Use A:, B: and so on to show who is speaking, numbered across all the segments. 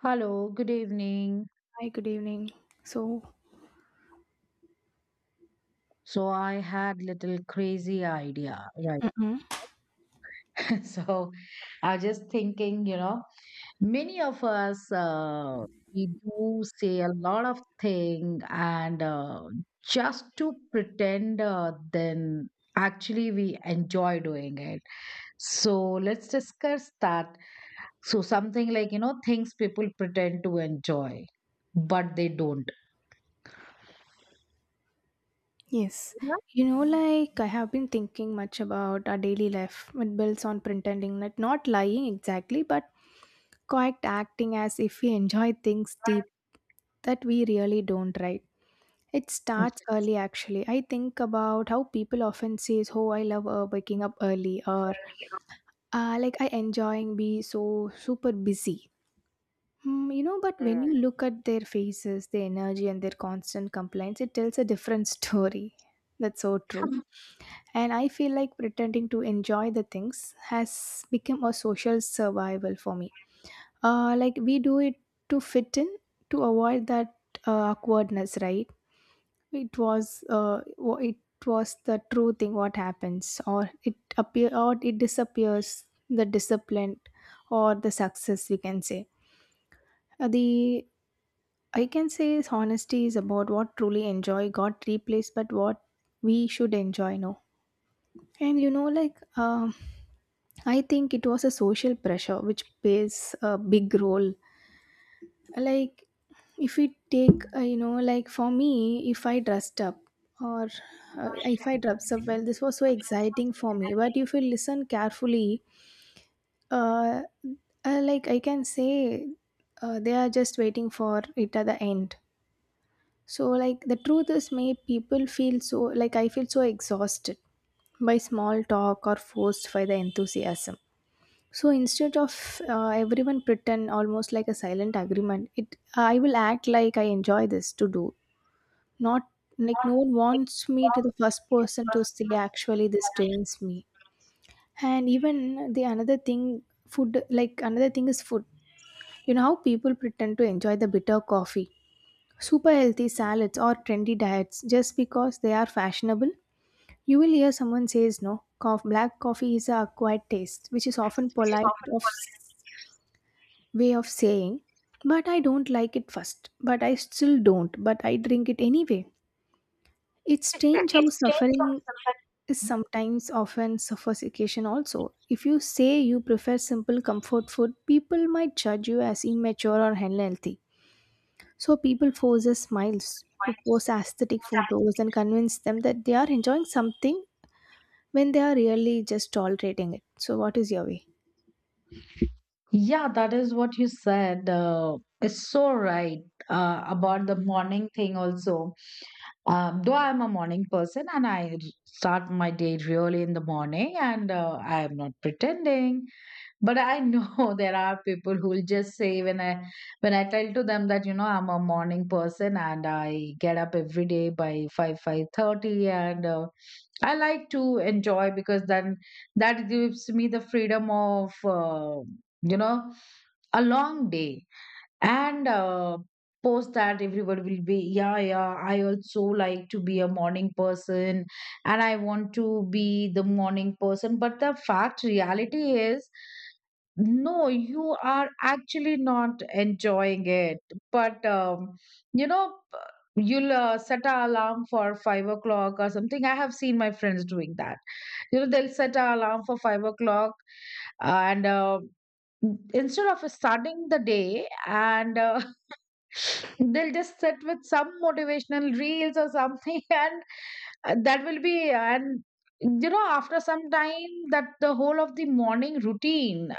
A: Hello, good evening.
B: Hi, good evening. So,
A: So I had little crazy idea, right?
B: Mm-mm.
A: So I was just thinking, many of us we do say a lot of thing and just to pretend, then actually we enjoy doing it. So let's discuss that. So something like, things people pretend to enjoy, but they don't.
B: yes, you know, like I have been thinking much about our daily life. It builds on pretending, that not lying exactly, but quite acting as if we enjoy things deep that we really don't, right? It starts early, actually. I think about how people often says, "Oh, I love waking up early," or like I enjoying be so super busy. Mm, you know, but
A: Yeah.
B: when you look at their faces, their energy, and their constant complaints, it tells a different story. That's so true.
A: Mhm.
B: And I feel like pretending to enjoy the things has become a social survival for me. Like we do it to fit in, to avoid that awkwardness, right? It was it was the true thing. What happens, or it appear, or it disappears. The discipline, or the success, we can say. The I can say is honesty is about what truly enjoy got replaced, but what we should enjoy now. And you know, like I think it was a social pressure which plays a big role. Like if we take, you know, like for me, if I dressed up or if I dressed up well, this was so exciting for me. But if you listen carefully, uh, like I can say, they are just waiting for it at the end. So, like, the truth is, many people feel so, like, I feel so exhausted by small talk or forced by the enthusiasm. So, instead of everyone pretend almost like a silent agreement, it I will act like I enjoy this to do, not like no one wants me to the first person to say, actually, this drains me. And even the another thing, food, like, another thing is food. You know how people pretend to enjoy the bitter coffee super healthy salads or trendy diets just because they are fashionable. You will hear someone says no. Black coffee is a acquired taste, which is often polite way of saying, but I don't like it first, but I still don't, but I drink it anyway. It's strange how suffering is sometimes often suffocation also. If you say you prefer simple comfort food, people might judge you as immature or unhealthy. So people forces smiles to post aesthetic photos and convince them that they are enjoying something when they are really just tolerating it. So what is your way?
A: Yeah, that is what you said. It's so right about the morning thing also. Though I'm a morning person and start my day really in the morning, and I am not pretending. But I know there are people who will just say when I tell to them that I'm a morning person and I get up every day by 5, 5:30 and I like to enjoy, because then that gives me the freedom of you know a long day. And post that, everybody will be, yeah, yeah, I also like to be a morning person and I want to be the morning person, but the fact reality is, no, you are actually not enjoying it. But you know you'll set an alarm for 5 o'clock or something. I have seen my friends doing that. They'll set an alarm for 5 o'clock, and instead of starting the day and they'll just sit with some motivational reels or something, and that will be. And after some time, that the whole of the morning routine,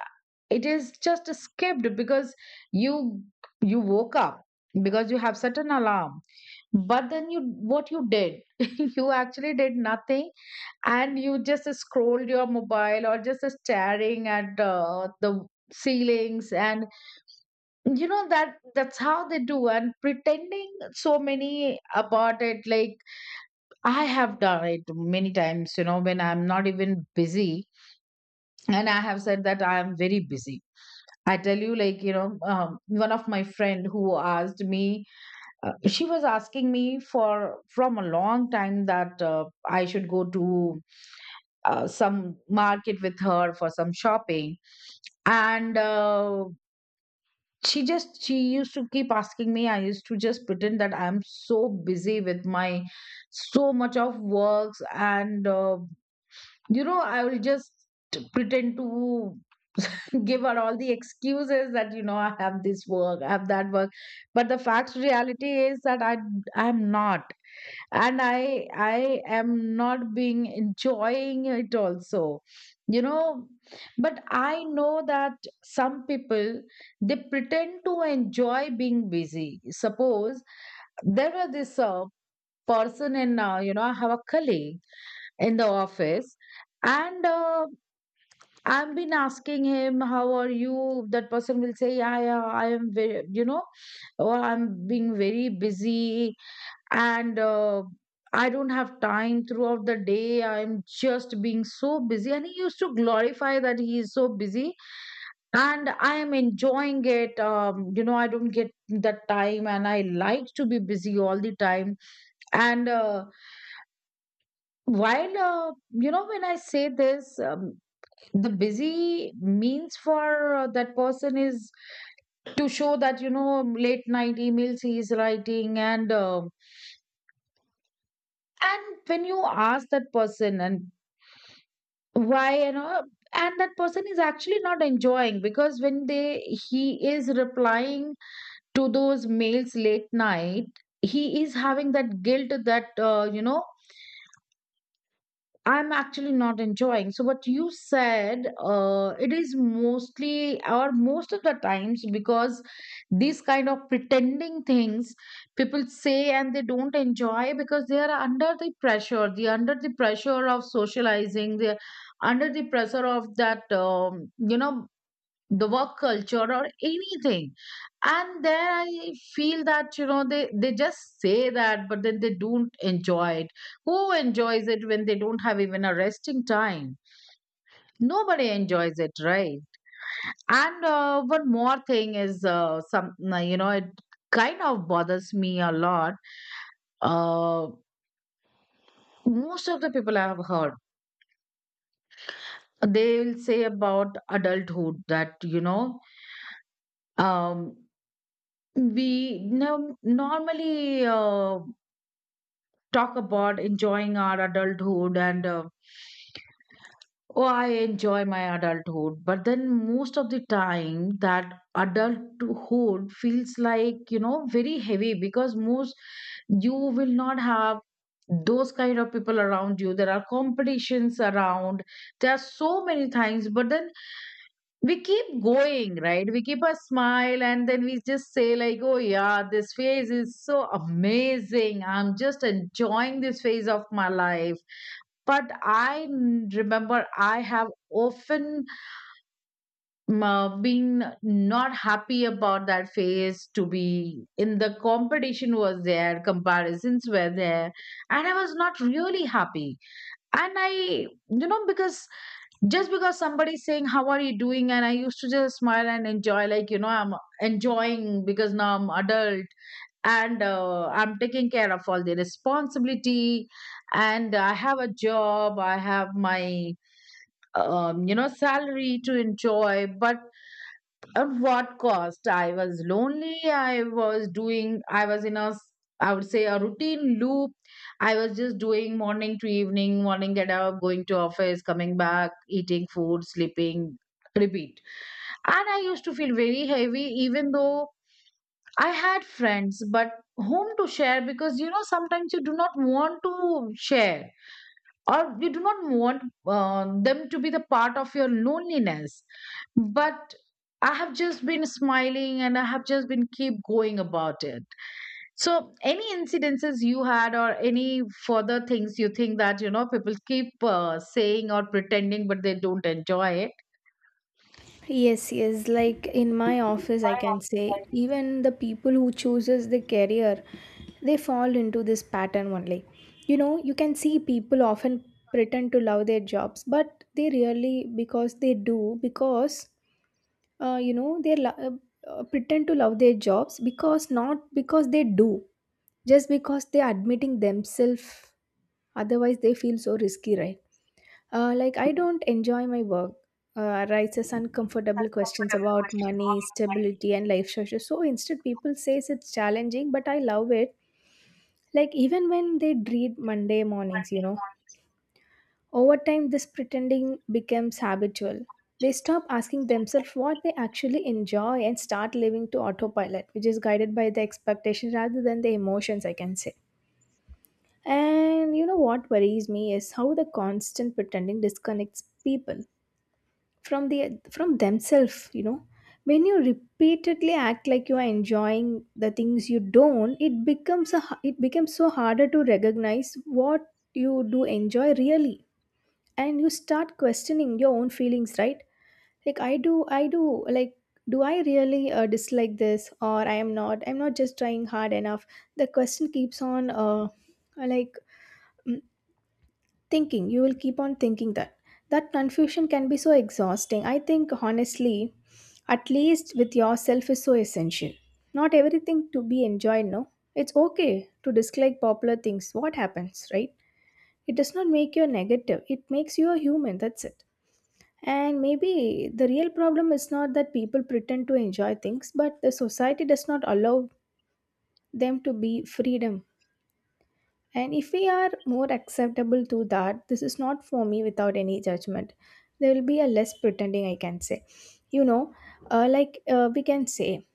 A: it is just skipped, because you you woke up because you have set an alarm, but then you, what you did? You actually did nothing, and you just scrolled your mobile or just staring at the ceilings. And that's how they do, and pretending so many about it. Like, I have done it many times, when I'm not even busy and I have said that I am very busy. I tell you, like, one of my friend who asked me, she was asking me for from a long time that I should go to some market with her for some shopping. And she used to keep asking me. I used to just pretend that I'm so busy with my so much of works, and I will just pretend to give her all the excuses that, I have this work, I have that work. But the fact reality is that I'm not, and I am not being enjoying it also, you know but I know that some people, they pretend to enjoy being busy. Suppose there was this person in, I have a colleague in the office, and I've been asking him, how are you? That person will say, yeah, yeah, I am very, oh, I'm being very busy, and I don't have time throughout the day, I'm just being so busy. And he used to glorify that he is so busy, and I am enjoying it, I don't get that time and I like to be busy all the time. And while when I say this, the busy means for that person is to show that, late night emails he is writing. And and when you ask that person, and why, and that person is actually not enjoying, because when they he is replying to those mails late night, he is having that guilt that, I'm actually not enjoying. So what you said, it is mostly or most of the times, because these kind of pretending things, people say and they don't enjoy because they are under the pressure. They are under the pressure of socializing. They are under the pressure of that, the work culture or anything. And there I feel that, they just say that, but then they don't enjoy it. Who enjoys it when they don't have even a resting time? Nobody enjoys it, right? And one more thing is, some, it kind of bothers me a lot. uh, Most of the people I have heard, they will say about adulthood that, um, we no, normally talk about enjoying our adulthood, and oh, I enjoy my adulthood, but then most of the time that adulthood feels like, very heavy, because most you will not have those kind of people around you. There are competitions around, there are so many things, but then we keep going, right? We keep a smile, and then we just say like, oh yeah, this phase is so amazing, I'm just enjoying this phase of my life. But remember, I have often, been not happy about that phase to be in. The competition was there, comparisons were there, and I was not really happy. And I, because just because somebody's saying how are you doing, and I used to just smile and enjoy, like, I'm enjoying, because now I'm adult, and I'm taking care of all the responsibility, and I have a job, I have my, salary to enjoy, but at what cost? I was lonely. I was doing, I was in a, I would say, a routine loop. I was just doing morning to evening, morning get up, going to office, coming back, eating food, sleeping, repeat. And I used to feel very heavy, even though I had friends, but whom to share? Because sometimes you do not want to share, or you do not want them to be the part of your loneliness. But I have just been smiling, and I have just been keep going about it. So any incidences you had, or any further things you think that, people keep saying or pretending but they don't enjoy it?
B: Yes, yes. Like in my office, I can say even the people who chooses the career, they fall into this pattern only. You know, you can see people often pretend to love their jobs, but they really because they do because you know they pretend to love their jobs because not because they do. Just because they're admitting themselves, otherwise they feel so risky, right? Like I don't enjoy my work, raises uncomfortable questions about money stability and life structure. So instead people says it's challenging but I love it, like even when they dread Monday mornings, you know. Over time this pretending becomes habitual. They stop asking themselves what they actually enjoy and start living to autopilot, which is guided by the expectations rather than the emotions, I can say. And you know what worries me is how the constant pretending disconnects people from the from themselves, you know. When you repeatedly act like you are enjoying the things you don't, it becomes it becomes so harder to recognize what you do enjoy really. And you start questioning your own feelings, right? Like I do like do I really dislike this or I'm not just trying hard enough. The question keeps on like Thinking, you will keep on thinking that. That confusion can be so exhausting. I think, honestly, at least with yourself is so essential. Not everything to be enjoyed, no? It's okay to dislike popular things. What happens, right? It does not make you a negative, it makes you a human, that's it. And maybe the real problem is not that people pretend to enjoy things, but the society does not allow them to be freedom. And if we are more acceptable to that, this is not for me without any judgment. There will be a less pretending, I can say. You know, we can say,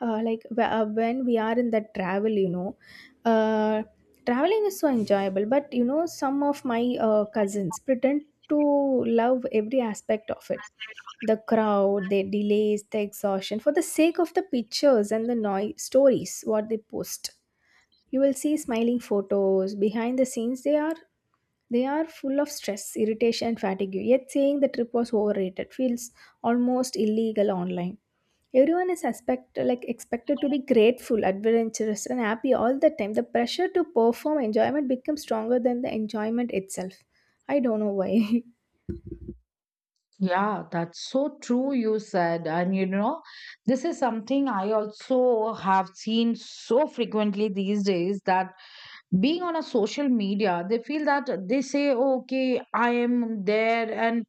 B: when we are in the travel, you know, uh, traveling is so enjoyable. But you know, some of my cousins pretend to love every aspect of it, the crowd, their delays, the exhaustion for the sake of the pictures and the noise stories what they post. You will see smiling photos, behind the scenes they are full of stress, irritation, fatigue, yet saying the trip was overrated feels almost illegal online. Everyone is expected to be grateful, adventurous, and happy all the time. The pressure to perform enjoyment becomes stronger than the enjoyment itself. I don't know why.
A: Yeah, that's so true, you said. And this is something I also have seen so frequently these days, that being on a social media, they feel that, they say, "Oh, okay, I am there, and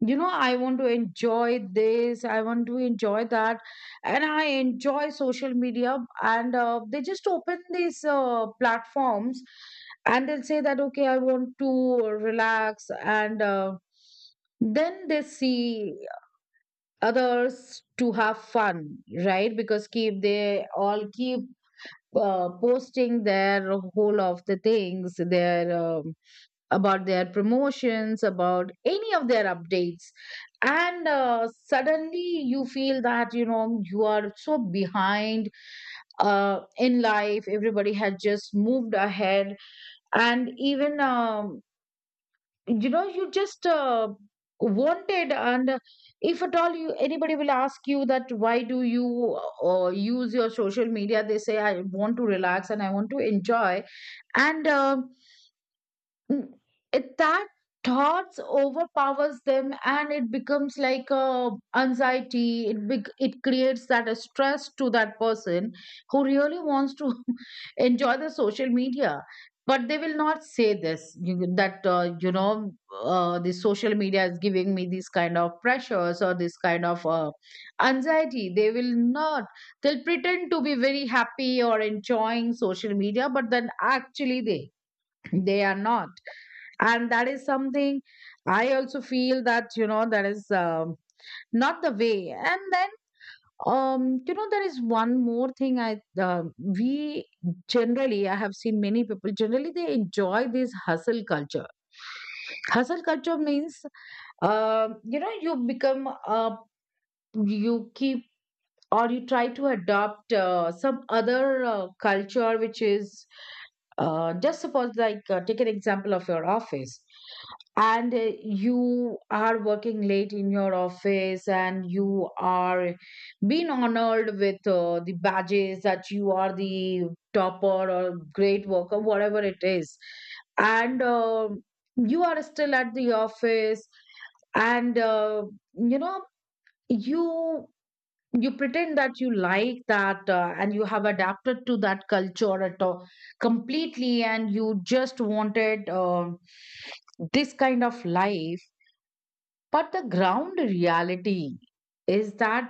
A: I want to enjoy this, I want to enjoy that, and I enjoy social media." And they just open these platforms, and they'll say that, okay, I want to relax, and then they see others to have fun, right? Because keep they all keep posting their whole of the things, their, about their promotions, about any of their updates. And suddenly you feel that, you are so behind in life, everybody had just moved ahead. And even, you just wanted, and if at all you anybody will ask you that, why do you use your social media, they say, I want to relax and I want to enjoy. And uh, Mm, it, that thoughts overpowers them, and it becomes like a anxiety. It creates that a stress to that person who really wants to enjoy the social media. But they will not say this that, the social media is giving me these kind of pressures, or this kind of anxiety. They will not They'll pretend to be very happy or enjoying social media, but then actually they are not. And that is something I also feel, that, that is, not the way. And then, there is one more thing I um we generally I have seen many people generally they enjoy this hustle culture. Hustle culture means, um you know you become uh, you keep, or you try to adopt some other culture which is, just suppose, like, take an example of your office, and you are working late in your office and you are being honored with, the badges that you are the topper or great worker, whatever it is, and you are still at the office. And you know you you pretend that you like that, and you have adapted to that culture at all completely, and you just wanted, this kind of life. But the ground reality is that,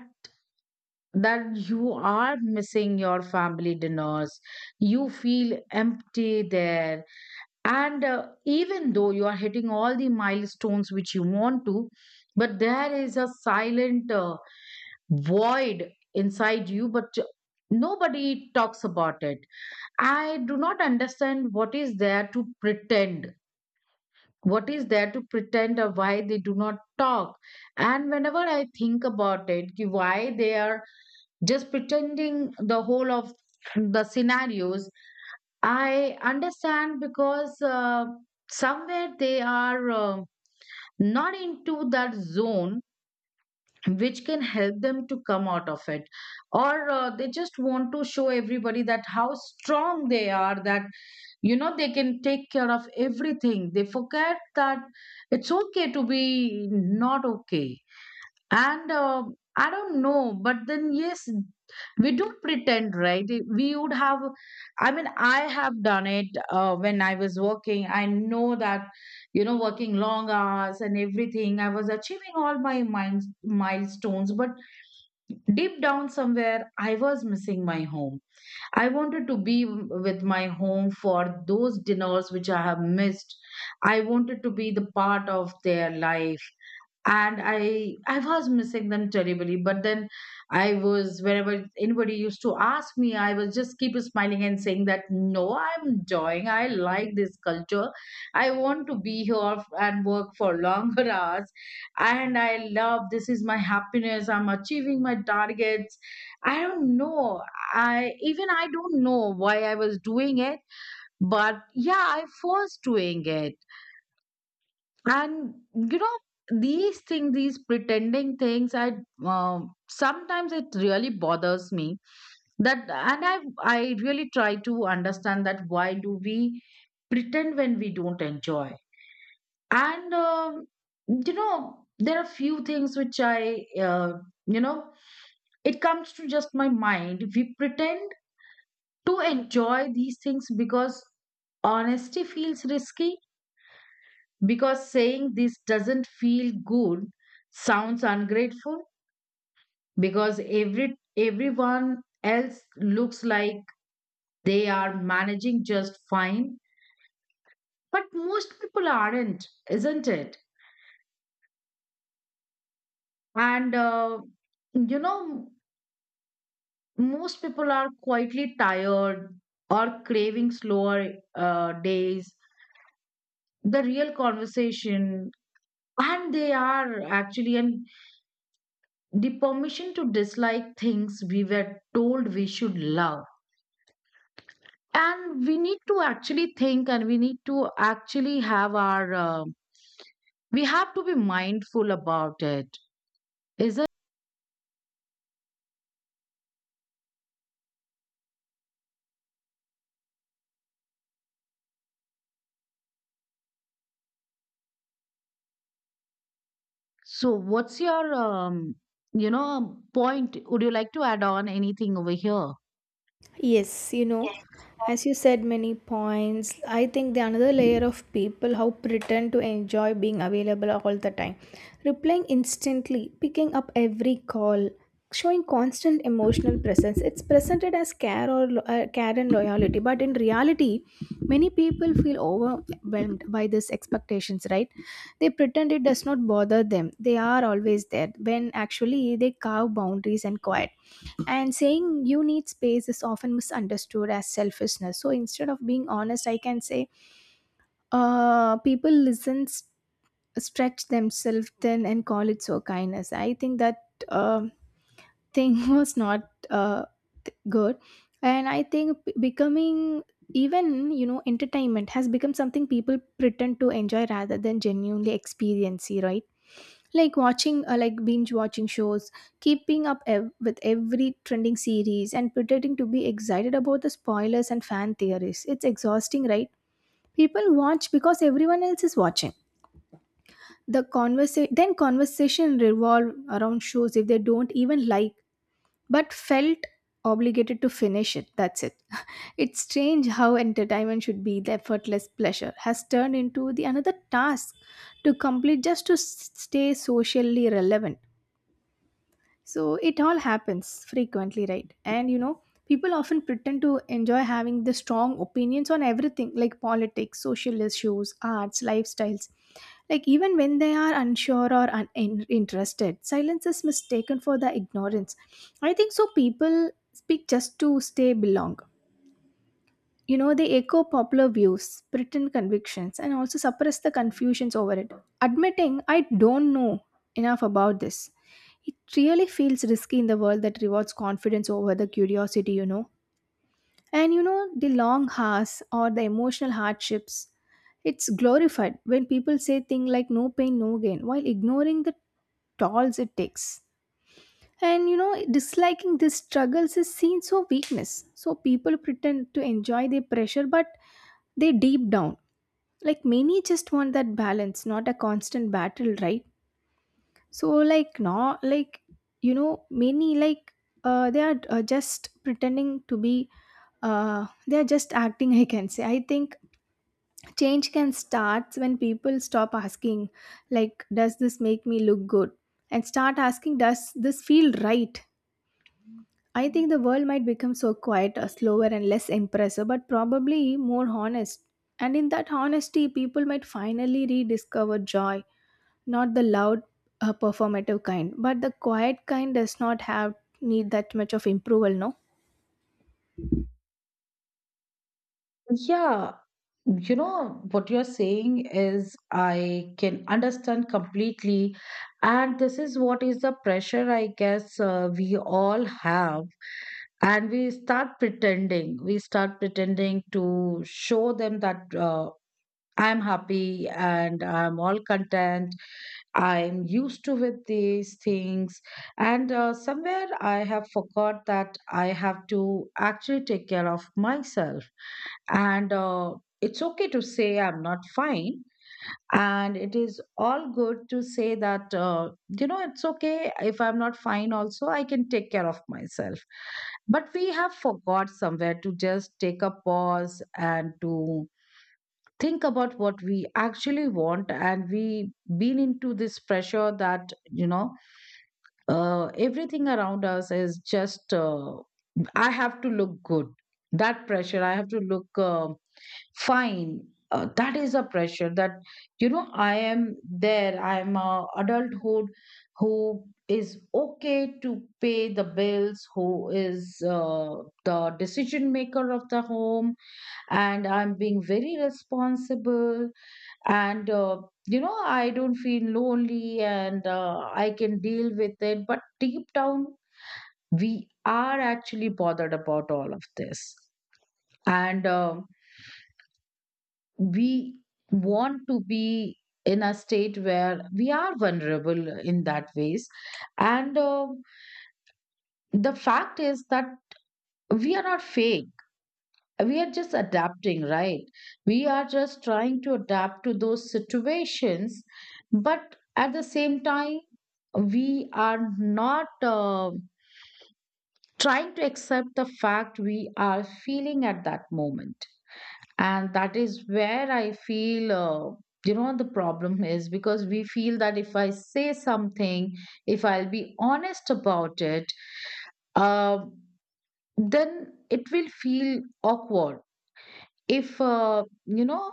A: that you are missing your family dinners, you feel empty there, and even though you are hitting all the milestones which you want to, but there is a silent void inside you, but nobody talks about it. I do not understand what is there to pretend. What is there to pretend, or why they do not talk? And whenever I think about it, कि why they are just pretending the whole of the scenarios, I understand because somewhere they are not into that zone which can help them to come out of it, or they just want to show everybody that how strong they are, that they can take care of everything. They forget that it's okay to be not okay. And I don't know, but then yes, we do pretend, right? We would have, I mean, I have done it when I was working. I know that, working long hours and everything, I was achieving all my milestones, but deep down somewhere, I was missing my home. I wanted to be with my home for those dinners which I have missed. I wanted to be the part of their life, and I was missing them terribly, but then I was wherever anybody used to ask me, I was just keep smiling and saying that, no, I'm enjoying, I like this culture, I want to be here and work for longer hours, and I love, this is my happiness, I'm achieving my targets. I don't know. I don't know why I was doing it, but yeah, I was doing it. And these things, these pretending things, I sometimes it really bothers me that. And I really try to understand that why do we pretend when we don't enjoy. And there are few things which I uh, you know it comes to just my mind. We pretend to enjoy these things because honesty feels risky, because saying this doesn't feel good, sounds ungrateful, because everyone else looks like they are managing just fine, but most people aren't, isn't it? And you know most people are quietly tired or craving slower days, the real conversation, and they are actually, and the permission to dislike things we were told we should love. And we need to actually think, and we need to actually have our, we have to be mindful about it. Is it? So, what's your, point? Would you like to add on anything over here?
B: Yes, you know, as you said many points, I think the another layer of people how pretend to enjoy being available all the time, replying instantly, picking up every call, showing constant emotional presence. It's presented as care or care and loyalty, but in reality, many people feel overwhelmed by these expectations. Right? They pretend it does not bother them. They are always there when actually they carve boundaries and quiet, and saying you need space is often misunderstood as selfishness. So instead of being honest, I can say people listen, stretch themselves thin, and call it so kindness. I think that uh, thing was not good. And I think becoming, even you know entertainment has become something people pretend to enjoy rather than genuinely experience, right? Like watching binge watching shows, keeping up with every trending series and pretending to be excited about the spoilers and fan theories, it's exhausting, right? People watch because everyone else is watching. The conversation then conversation revolve around shows if they don't even like, but felt obligated to finish it, that's it. It's strange how entertainment should be the effortless pleasure has turned into the another task to complete just to stay socially relevant. So it all happens frequently, right? And you know, people often pretend to enjoy having the strong opinions on everything like politics, social issues, arts, lifestyles. Like even when they are unsure or uninterested, silence is mistaken for the ignorance. I think so people speak just to stay belong. You know, they echo popular views, pretend convictions, and also suppress the confusions over it. Admitting I don't know enough about this, it really feels risky in the world that rewards confidence over the curiosity, you know. And you know, the long hours or the emotional hardships, it's glorified when people say things like no pain, no gain, while ignoring the tolls it takes. And you know, disliking these struggles is seen so weakness. So people pretend to enjoy their pressure, but they deep down, like many just want that balance, not a constant battle, right? So like not like, you know, many like they are just pretending to be they are just acting. I can say I think change can start when people stop asking like, does this make me look good, and start asking, does this feel right? I think the world might become so quieter, slower, and less impressive, but probably more honest. And in that honesty people might finally rediscover joy, not the loud performative kind, but the quiet kind does not have need that much of approval, no?
A: Yeah, what you're saying is I can understand completely. And this is what is the pressure, I guess, we all have, and we start pretending to show them that I'm happy and I'm all content. I'm used to with these things. And somewhere I have forgot that I have to actually take care of myself. And it's okay to say I'm not fine. And it is all good to say that it's okay if I'm not fine, also I can take care of myself. But we have forgot somewhere to just take a pause and to think about what we actually want. And we been into this pressure that everything around us is just I have to look good. That pressure, I have to look fine. That is a pressure that I am there, I am a adulthood who is okay to pay the bills, who is the decision maker of the home, and I'm being very responsible. And I don't feel lonely, and I can deal with it, but deep down we are actually bothered about all of this. And we want to be in a state where we are vulnerable in that ways. And the fact is that we are not fake, we are just adapting, right? We are just trying to adapt to those situations, but at the same time, we are not trying to accept the fact we are feeling at that moment. And that is where I feel, the problem is, because we feel that if I say something, if I'll be honest about it, uh, then it will feel awkward. If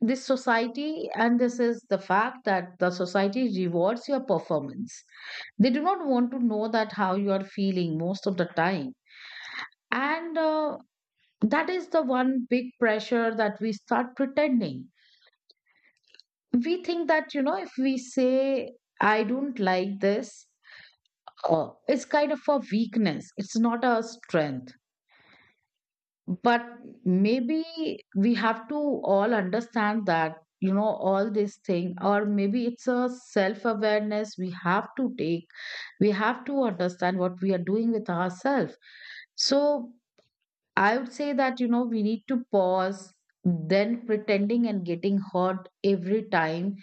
A: this society, and this is the fact, that the society rewards your performance. They do not want to know that how you are feeling most of the time. And that is the one big pressure, that we start pretending. We think that if we say I don't like this, it's kind of a weakness, it's not a strength. But maybe we have to all understand that all this thing, or maybe it's a self awareness we have to take. We have to understand what we are doing with ourselves. So I would say that we need to pause then pretending and getting hurt every time.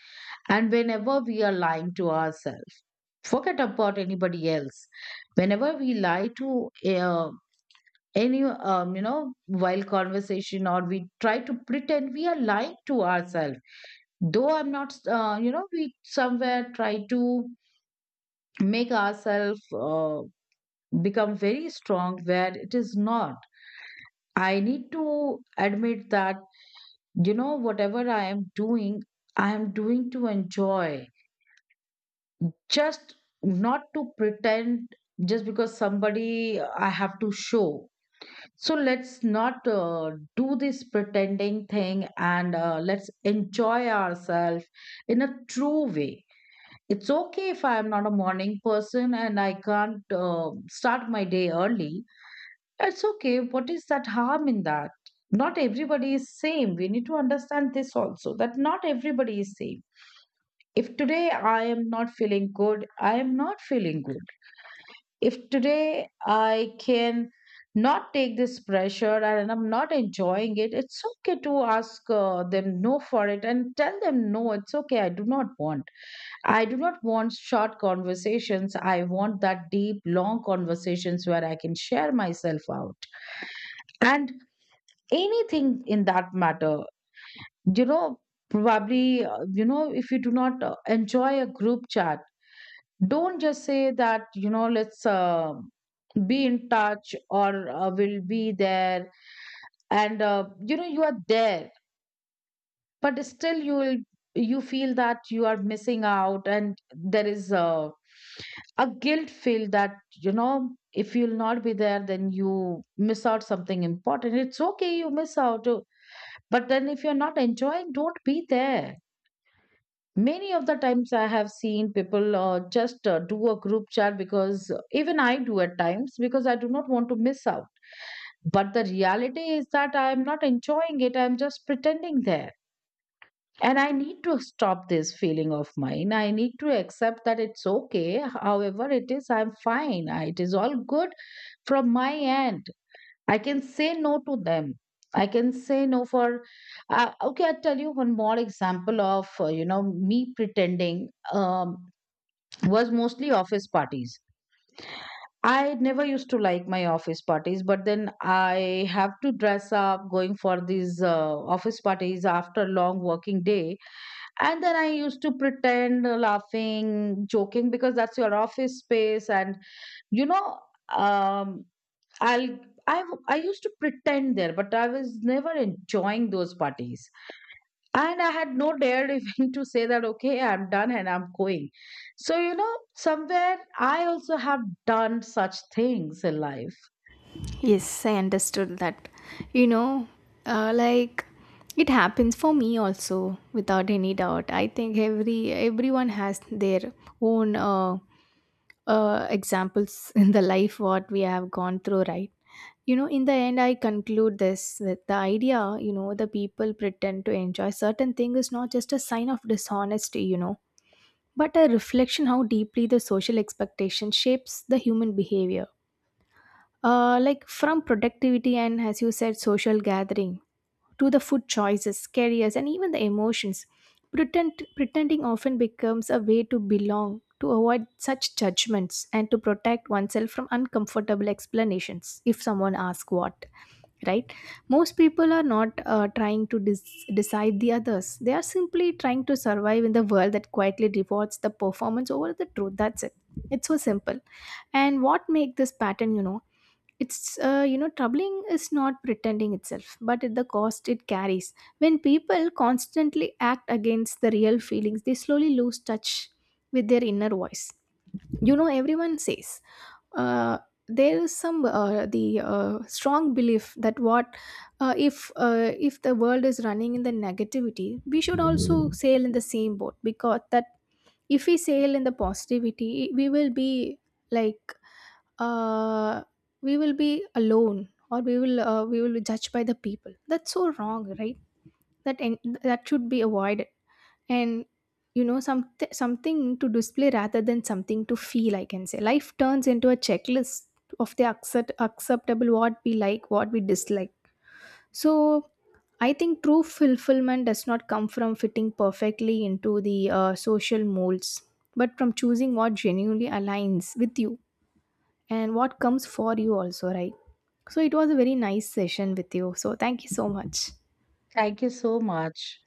A: And whenever we are lying to ourselves, forget about anybody else. Whenever we lie to uh, any, while conversation, or we try to pretend, we are lying to ourselves. Though I'm not, we somewhere try to make ourselves uh, become very strong, where it is not. I need to admit that whatever I am doing, I am doing to enjoy, just, not to pretend, just because somebody, I have to show. So let's not do this pretending thing, and let's enjoy ourselves in a true way. It's okay if I am not a morning person, and I can't start my day early. It's okay, what is that harm in that? Not everybody is same. We need to understand this also, that not everybody is same. If today I am not feeling good, I am not feeling good. If today I can not take this pressure and I'm not enjoying it, it's okay to ask them no for it and tell them no, it's okay. I do not want. I do not want short conversations. I want that deep, long conversations where I can share myself out and anything in that matter. You know, Probably, if you do not enjoy a group chat, don't just say that, let's be in touch, or will be there. And, you are there, but still you feel that you are missing out, and there is a guilt feel that, if you'll not be there, then you miss out something important. It's okay, you miss out. But then if you're not enjoying, don't be there. Many of the times I have seen people just do a group chat, because even I do at times, because I do not want to miss out. But the reality is that I am not enjoying it, I am just pretending there. And I need to stop this feeling of mine. I need to accept that it's okay, however it is, I'm fine, it is all good from my end. I can say no to them. I can say no for. Okay, I'll tell you one more example of me pretending, was mostly office parties. I never used to like my office parties, but then I have to dress up going for these office parties after long working day. And then I used to pretend, laughing, joking, because that's your office space. And, you know, um, I'll, I used to pretend there, but I was never enjoying those parties. And I had no dared even to say that, okay, I'm done and I'm going. So, somewhere I also have done such things in life.
B: Yes, I understood that. You know, uh, like it happens for me also without any doubt. I think everyone has their own examples in the life what we have gone through, right? You know, in the end I conclude this with the idea, you know the people pretend to enjoy certain thing is not just a sign of dishonesty, you know, but a reflection how deeply the social expectation shapes the human behavior. Like from productivity and as you said social gathering, to the food choices, careers, and even the emotions. Pretending often becomes a way to belong, to avoid such judgments, and to protect oneself from uncomfortable explanations if someone asks what, right? Most people are not trying to decide the others, they are simply trying to survive in the world that quietly rewards the performance over the truth, that's it. It's so simple. And what make this pattern, you know, it's troubling is not pretending itself but at the cost it carries. When people constantly act against the real feelings, they slowly lose touch with their inner voice. You know, everyone says uh, there is some the strong belief that what if the world is running in the negativity we should also sail in the same boat, because that if we sail in the positivity we will be like uh, we will be alone or we will be judged by the people, that's so wrong, right? That should be avoided. And you know, some something to display rather than something to feel, I can say life turns into a checklist of the acceptable, what we like what we dislike. So I think true fulfillment does not come from fitting perfectly into the social molds, but from choosing what genuinely aligns with you, and what comes for you also, right? So it was a very nice session with you, so thank you so much.
A: Thank you so much.